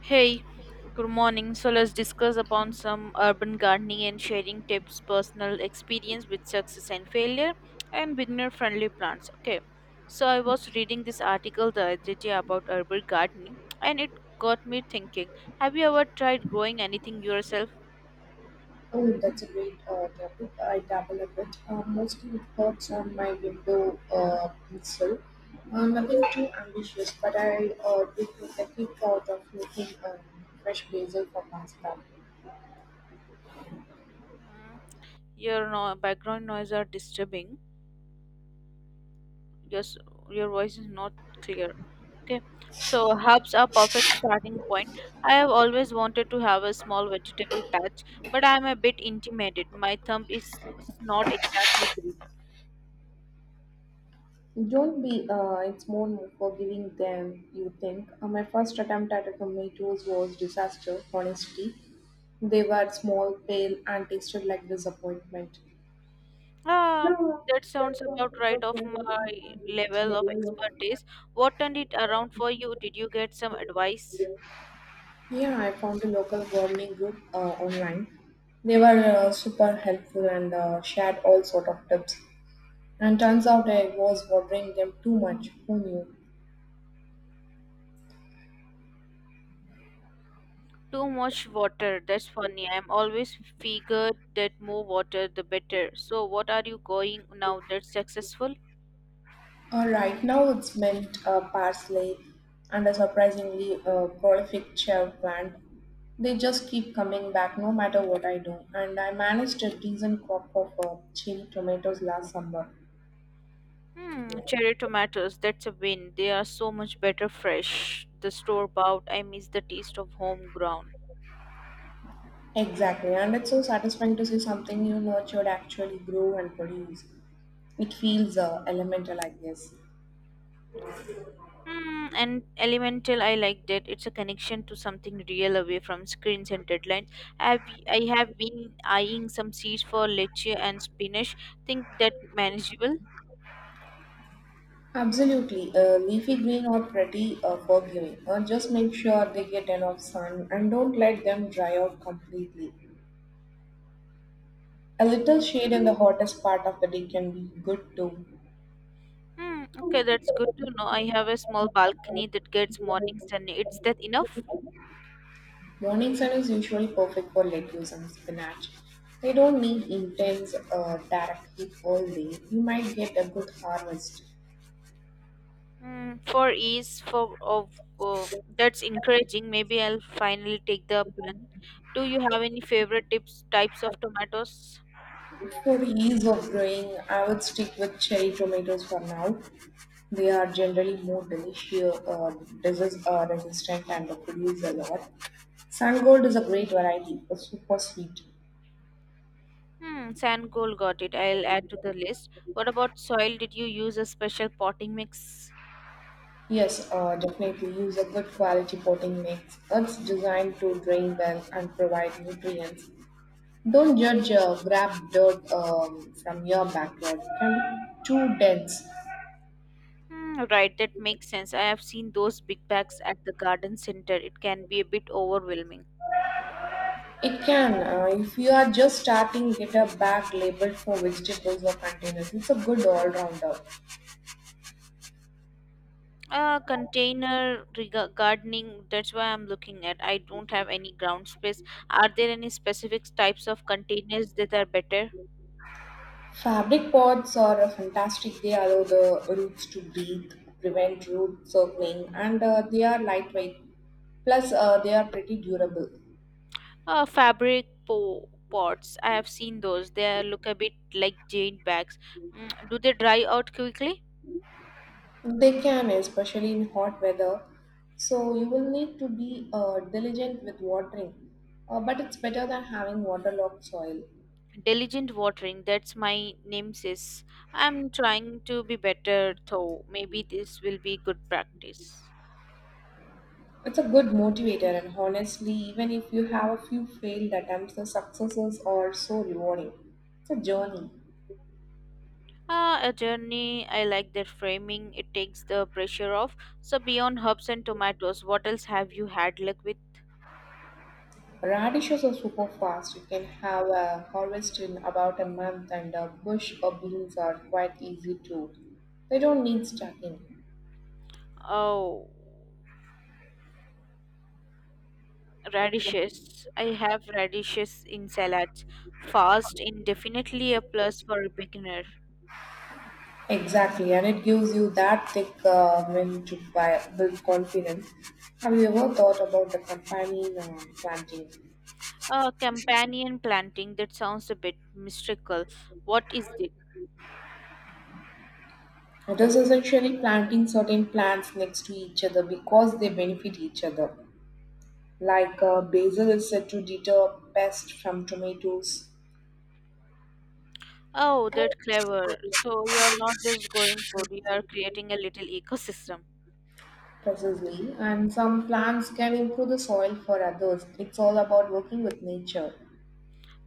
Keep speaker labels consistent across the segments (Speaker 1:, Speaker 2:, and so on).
Speaker 1: Hey, good morning. So let's discuss about some urban gardening and sharing tips, personal experience with success and failure, and beginner-friendly plants. Okay, so I was reading this article the other day about urban gardening, and it got me thinking. Have you ever tried growing anything yourself?
Speaker 2: Oh, that's a great topic. I dabble a bit, mostly with thoughts on my window pencil. Nothing too ambitious, but I did with the quick thought of making fresh basil for pasta.
Speaker 1: Mm, your background noise are disturbing. Your your voice is not clear. Okay, so herbs are perfect starting point. I have always wanted to have a small vegetable patch, but I am a bit intimidated. My thumb is not exactly green.
Speaker 2: Don't be, it's more forgiving than you think. My first attempt at a tomatoes was disaster, honestly. They were small, pale, and tasted like disappointment.
Speaker 1: Ah,
Speaker 2: No,
Speaker 1: that
Speaker 2: that
Speaker 1: sounds
Speaker 2: sounds
Speaker 1: about right
Speaker 2: about
Speaker 1: of
Speaker 2: right my
Speaker 1: my
Speaker 2: alley.
Speaker 1: level
Speaker 2: The
Speaker 1: of
Speaker 2: real
Speaker 1: expertise. What turned it around for you? Did you get some advice?
Speaker 2: Yeah, I found a local gardening group online. They were super helpful and shared all sort of tips. And turns out I was watering them too much. Who knew?
Speaker 1: Too much water. That's funny. I'm always figured that more water the better. So what are you going now that's successful?
Speaker 2: All right, now it's mint, parsley, and a surprisingly prolific cherry plant. They just keep coming back no matter what I do, and I managed a decent crop of chili tomatoes last summer.
Speaker 1: Hmm, cherry tomatoes, that's a win. They are so much better fresh. The store bought, I miss the taste of home ground.
Speaker 2: Exactly, and it's so satisfying to see something you nurtured actually grow and produce. It feels elemental, I guess.
Speaker 1: Hmm, and elemental, I like that. It's a connection to something real away from screens and deadlines. I've, I have been eyeing some seeds for leche and spinach. Think that manageable?
Speaker 2: Absolutely. Leafy green are pretty forgiving. Just make sure they get enough sun and don't let them dry out completely. A little shade in the hottest part of the day can be good too.
Speaker 1: Hmm, okay, that's good to know. I have a small balcony that gets morning sun. It's that enough?
Speaker 2: Morning sun is usually perfect for lettuce and spinach. They don't need intense direct heat all day. You might get a good harvest.
Speaker 1: Mm, for ease for of oh, that's encouraging. Maybe I'll finally take the plan. Do you have any favorite tips types of tomatoes?
Speaker 2: For the ease of growing, I would stick with cherry tomatoes for now. They are generally more delicious, disease resistant, and they produce a lot. Gold is a great variety, super sweet.
Speaker 1: Hmm, sand gold got it. I'll add to the list. What about soil? Did you use a special potting mix?
Speaker 2: Yes, definitely use a good quality potting mix. It's designed to drain well and provide nutrients. Don't judge grab dirt from your backyard. It can be too dense.
Speaker 1: Hmm, right, that makes sense. I have seen those big bags at the garden center. It can be a bit overwhelming.
Speaker 2: It can. If you are just starting, get a bag labeled for vegetables or containers. It's a good all rounder.
Speaker 1: Container gardening, that's why I'm looking at. I don't have any ground space. Are there any specific types of containers that are better?
Speaker 2: Fabric pods are a fantastic. They allow the roots to breathe, prevent root circling, and they are lightweight. Plus, they are pretty durable.
Speaker 1: Fabric pots, I have seen those. They look a bit like jade bags. Mm, do they dry out quickly?
Speaker 2: They can, especially in hot weather. So, you will need to be diligent with watering, but it's better than having waterlogged soil.
Speaker 1: Diligent watering, that's my nemesis. I'm trying to be better though. Maybe this will be good practice.
Speaker 2: It's a good motivator, and honestly, even if you have a few failed attempts, the successes are so rewarding. It's a journey.
Speaker 1: A journey, I like that framing. It takes the pressure off. So, beyond herbs and tomatoes, what else have you had luck with?
Speaker 2: Radishes are super fast. You can have a harvest in about a month, and bush or beans are quite easy too. They don't need stacking.
Speaker 1: Oh, radishes. I have radishes in salads. Fast, indefinitely a plus for a beginner.
Speaker 2: Exactly, and it gives you that thick wind to buy, build confidence. Have you ever thought about the companion planting?
Speaker 1: Companion planting, that sounds a bit mystical. What is it?
Speaker 2: It is essentially planting certain plants next to each other because they benefit each other. Like basil is said to deter pests from tomatoes.
Speaker 1: Oh, that's clever. So, you are not just growing food, you are creating a little ecosystem.
Speaker 2: Precisely, and some plants can improve the soil for others. It's all about working with nature.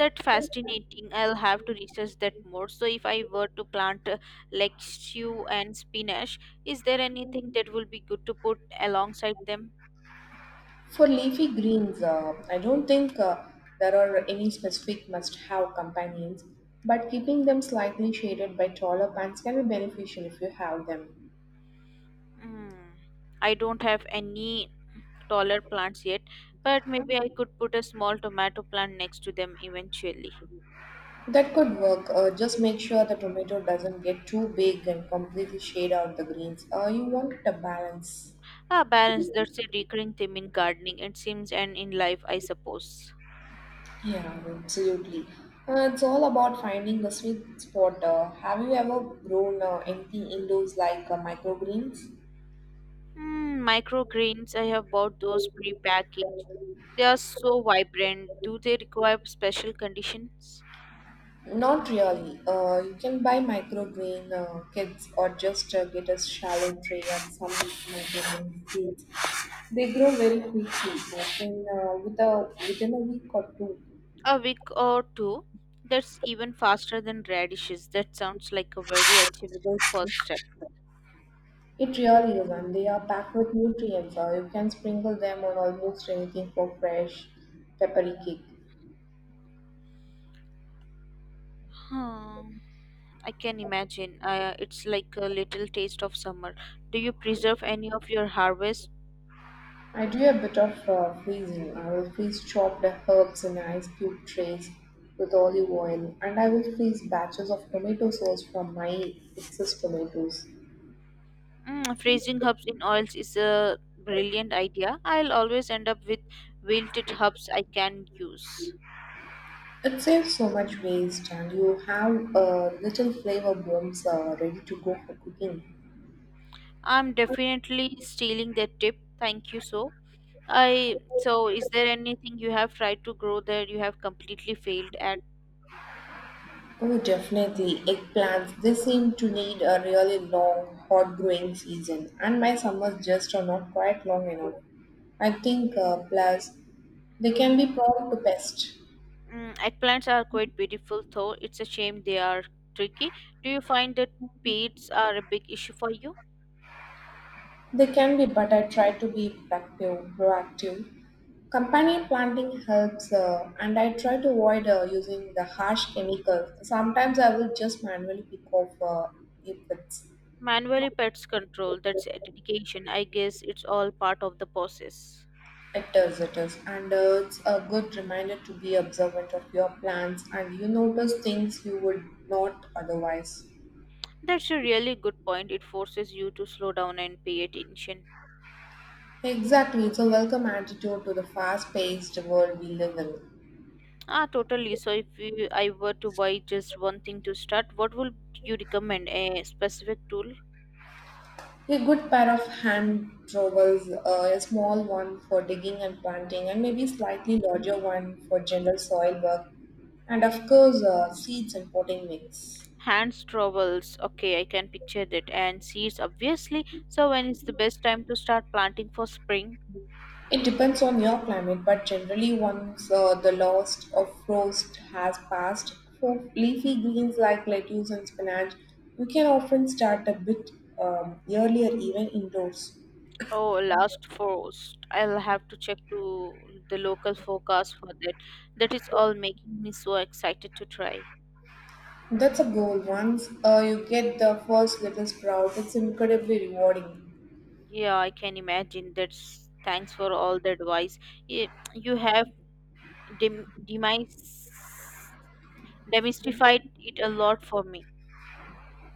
Speaker 1: That fascinating, I'll have to research that more. So if I were to plant like stew and spinach, is there anything that will be good to put alongside them?
Speaker 2: For leafy greens, I don't think there are any specific must have companions, but keeping them slightly shaded by taller plants can be beneficial if you have them.
Speaker 1: Hmm. I don't have any taller plants yet, but maybe I could put a small tomato plant next to them eventually.
Speaker 2: That could work. Just make sure the tomato doesn't get too big and completely shade out the greens. You want a balance.
Speaker 1: Ah, balance, that's a recurring theme in gardening it seems, and in life I suppose.
Speaker 2: Yeah, absolutely. It's all about finding the sweet spot. Have you ever grown anything indoors like microgreens?
Speaker 1: Mm, microgreens, I have bought those pre-packaged. They are so vibrant. Do they require special conditions?
Speaker 2: Not really. You can buy microgreen kits or just get a shallow tray and some microgreen seeds. They grow very quickly, often with within a week or two.
Speaker 1: A week or two. That's even faster than radishes. That sounds like a very achievable first step.
Speaker 2: It really is, and they are packed with nutrients, so you can sprinkle them on almost anything for fresh, peppery cake.
Speaker 1: Hmm, I can imagine. It's like a little taste of summer. Do you preserve any of your harvest?
Speaker 2: I do a bit of freezing. I will freeze chopped herbs in ice cube trays with olive oil, and I will freeze batches of tomato sauce from my excess tomatoes.
Speaker 1: Mm, freezing herbs in oils is a brilliant idea. I'll always end up with wilted herbs I can use.
Speaker 2: It saves so much waste, and you have little flavor bombs ready to go for cooking.
Speaker 1: I'm definitely stealing that tip. Thank you so. I so, is there anything you have tried to grow that you have completely failed at?
Speaker 2: Oh, definitely. Eggplants, they seem to need a really long, hot growing season, and my summers just are not quite long enough. I think, plus, they can be prone to pests.
Speaker 1: Mm, eggplants are quite beautiful though. It's a shame they are tricky. Do you find that pests are a big issue for you?
Speaker 2: They can be, but I try to be proactive. Companion planting helps, and I try to avoid using the harsh chemicals. Sometimes I will just manually pick off if it's
Speaker 1: Manually pets control, that's a dedication. I guess it's all part of the process.
Speaker 2: It is, it is. And it's a good reminder to be observant of your plans and you notice things you would not otherwise.
Speaker 1: That's a really good point. It forces you to slow down and pay attention.
Speaker 2: Exactly, it's a welcome attitude to the fast paced world we live in.
Speaker 1: Ah, totally. So, if you, I were to buy just one thing to start, what would you recommend? A specific tool?
Speaker 2: A good pair of hand trowels, a small one for digging and planting, and maybe slightly larger one for general soil work, and of course, seeds and potting mix.
Speaker 1: Hands trowels. Okay, I can picture that. And seeds, obviously. So, when is the best time to start planting for spring?
Speaker 2: It depends on your climate, but generally, once the last of frost has passed, for leafy greens like lettuce and spinach, you can often start a bit earlier, even indoors.
Speaker 1: Oh, last frost. I'll have to check to the local forecast for that. That is all making me so excited to try.
Speaker 2: That's a goal. Once you get the first little sprout, it's incredibly rewarding.
Speaker 1: Yeah, I can imagine. That's thanks for all the advice. Y- You have dem- demise demystified it a lot for me.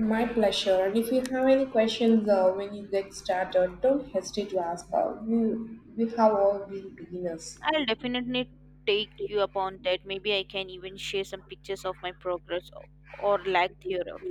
Speaker 2: My pleasure. And if you have any questions when you get started, don't hesitate to ask. We have all been beginners.
Speaker 1: I'll definitely take you upon that. Maybe I can even share some pictures of my progress or lack thereof.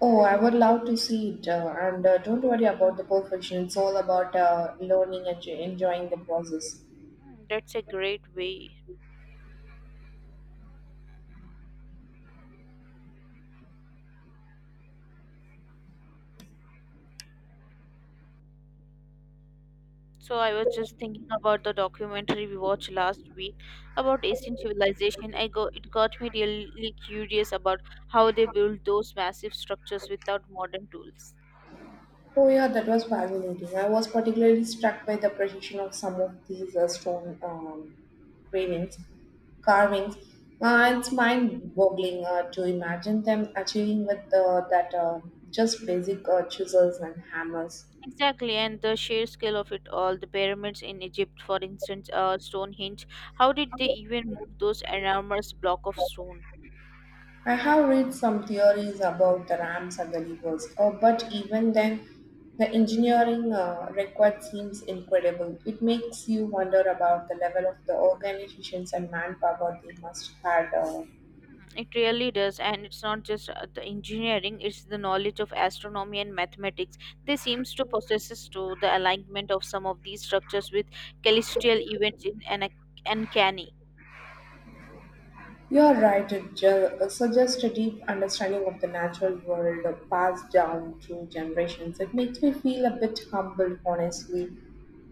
Speaker 2: Oh, I would love to see it. And don't worry about the perfection. It's all about learning and enjoying the process.
Speaker 1: Hmm, that's a great way. So I was just thinking about the documentary we watched last week about ancient civilization. I go it got me really curious about how they built those massive structures without modern tools.
Speaker 2: Oh, yeah, that was fascinating. I was particularly struck by the precision of some of these stone carvings. carvings. It's mind-boggling to imagine them achieving with that just basic chisels and hammers.
Speaker 1: Exactly, and the sheer scale of it all. The pyramids in Egypt, for instance, Stonehenge. How did they even move those enormous block of stone?
Speaker 2: I have read some theories about the ramps and the levers, but even then, the engineering required seems incredible. It makes you wonder about the level of the organizations and manpower they must have.
Speaker 1: It really does, and it's not just the engineering; it's the knowledge of astronomy and mathematics. They seems to possess to the alignment of some of these structures with celestial events in an uncanny.
Speaker 2: You are right, it suggests a deep understanding of the natural world passed down through generations. It makes me feel a bit humbled, honestly,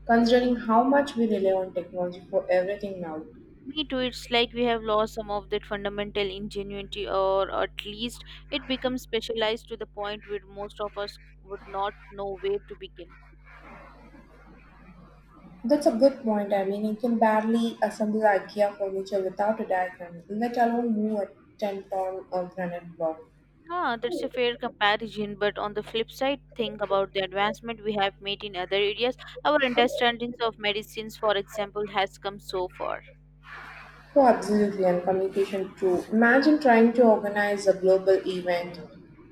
Speaker 2: considering how much we rely on technology for everything now.
Speaker 1: Me too, it's like we have lost some of that fundamental ingenuity, or at least it becomes specialized to the point where most of us would not know where to begin.
Speaker 2: That's a good point. I mean, you can barely assemble IKEA furniture without a diagram, let alone move a 10 ton granite block.
Speaker 1: Ah, that's a fair comparison, but on the flip side, think about the advancement we have made in other areas. Our understandings of medicines, for example, has come so far.
Speaker 2: Oh, absolutely, and communication too. Imagine trying to organize a global event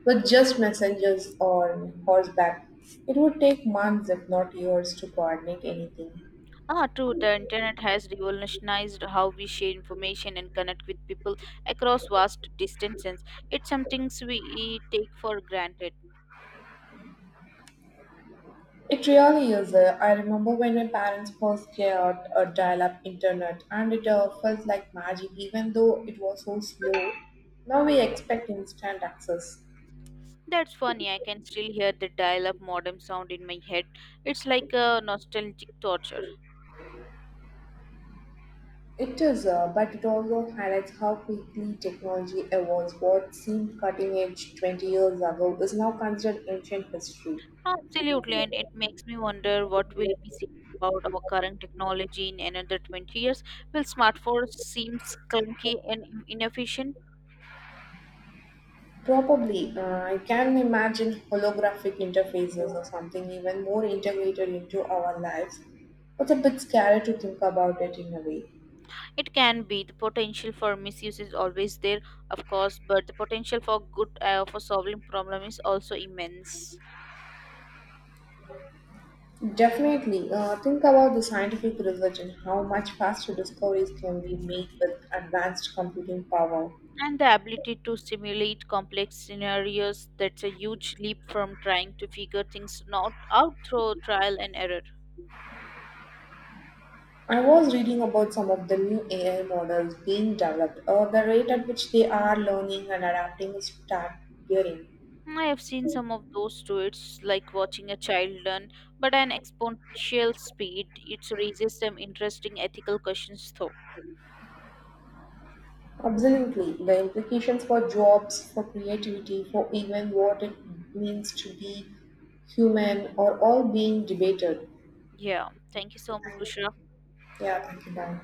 Speaker 2: with just messengers on horseback. It would take months, if not years, to coordinate anything.
Speaker 1: Ah, true, the internet has revolutionized how we share information and connect with people across vast distances. It's something we take for granted.
Speaker 2: It really is. I remember when my parents first got a dial-up internet, and it felt like magic, even though it was so slow. Now we expect instant access.
Speaker 1: That's funny. I can still hear the dial-up modem sound in my head. It's like a nostalgic torture.
Speaker 2: It is, but it also highlights how quickly technology evolves. What seemed cutting edge 20 years ago is now considered ancient history.
Speaker 1: Absolutely, and it makes me wonder what we'll be saying about our current technology in another 20 years. Will smartphones seem clunky and inefficient?
Speaker 2: Probably, I can imagine holographic interfaces or something even more integrated into our lives. It's a bit scary to think about it in a way.
Speaker 1: It can be. The potential for misuse is always there, of course, but the potential for good, for solving problem is also immense.
Speaker 2: Definitely. Think about the scientific revolution, how much faster discoveries can be made with advanced computing power.
Speaker 1: And the ability to simulate complex scenarios, that's a huge leap from trying to figure things not out through trial and error.
Speaker 2: I was reading about some of the new AI models being developed, or the rate at which they are learning and adapting is staggering.
Speaker 1: I have seen some of those too. It's like watching a child learn but an exponential speed. It raises some interesting ethical questions though.
Speaker 2: Absolutely. The implications for jobs, for creativity, for even what it means to be human are all being debated.
Speaker 1: Yeah, thank you so much Bushra.
Speaker 2: Yeah, thank you. Bye.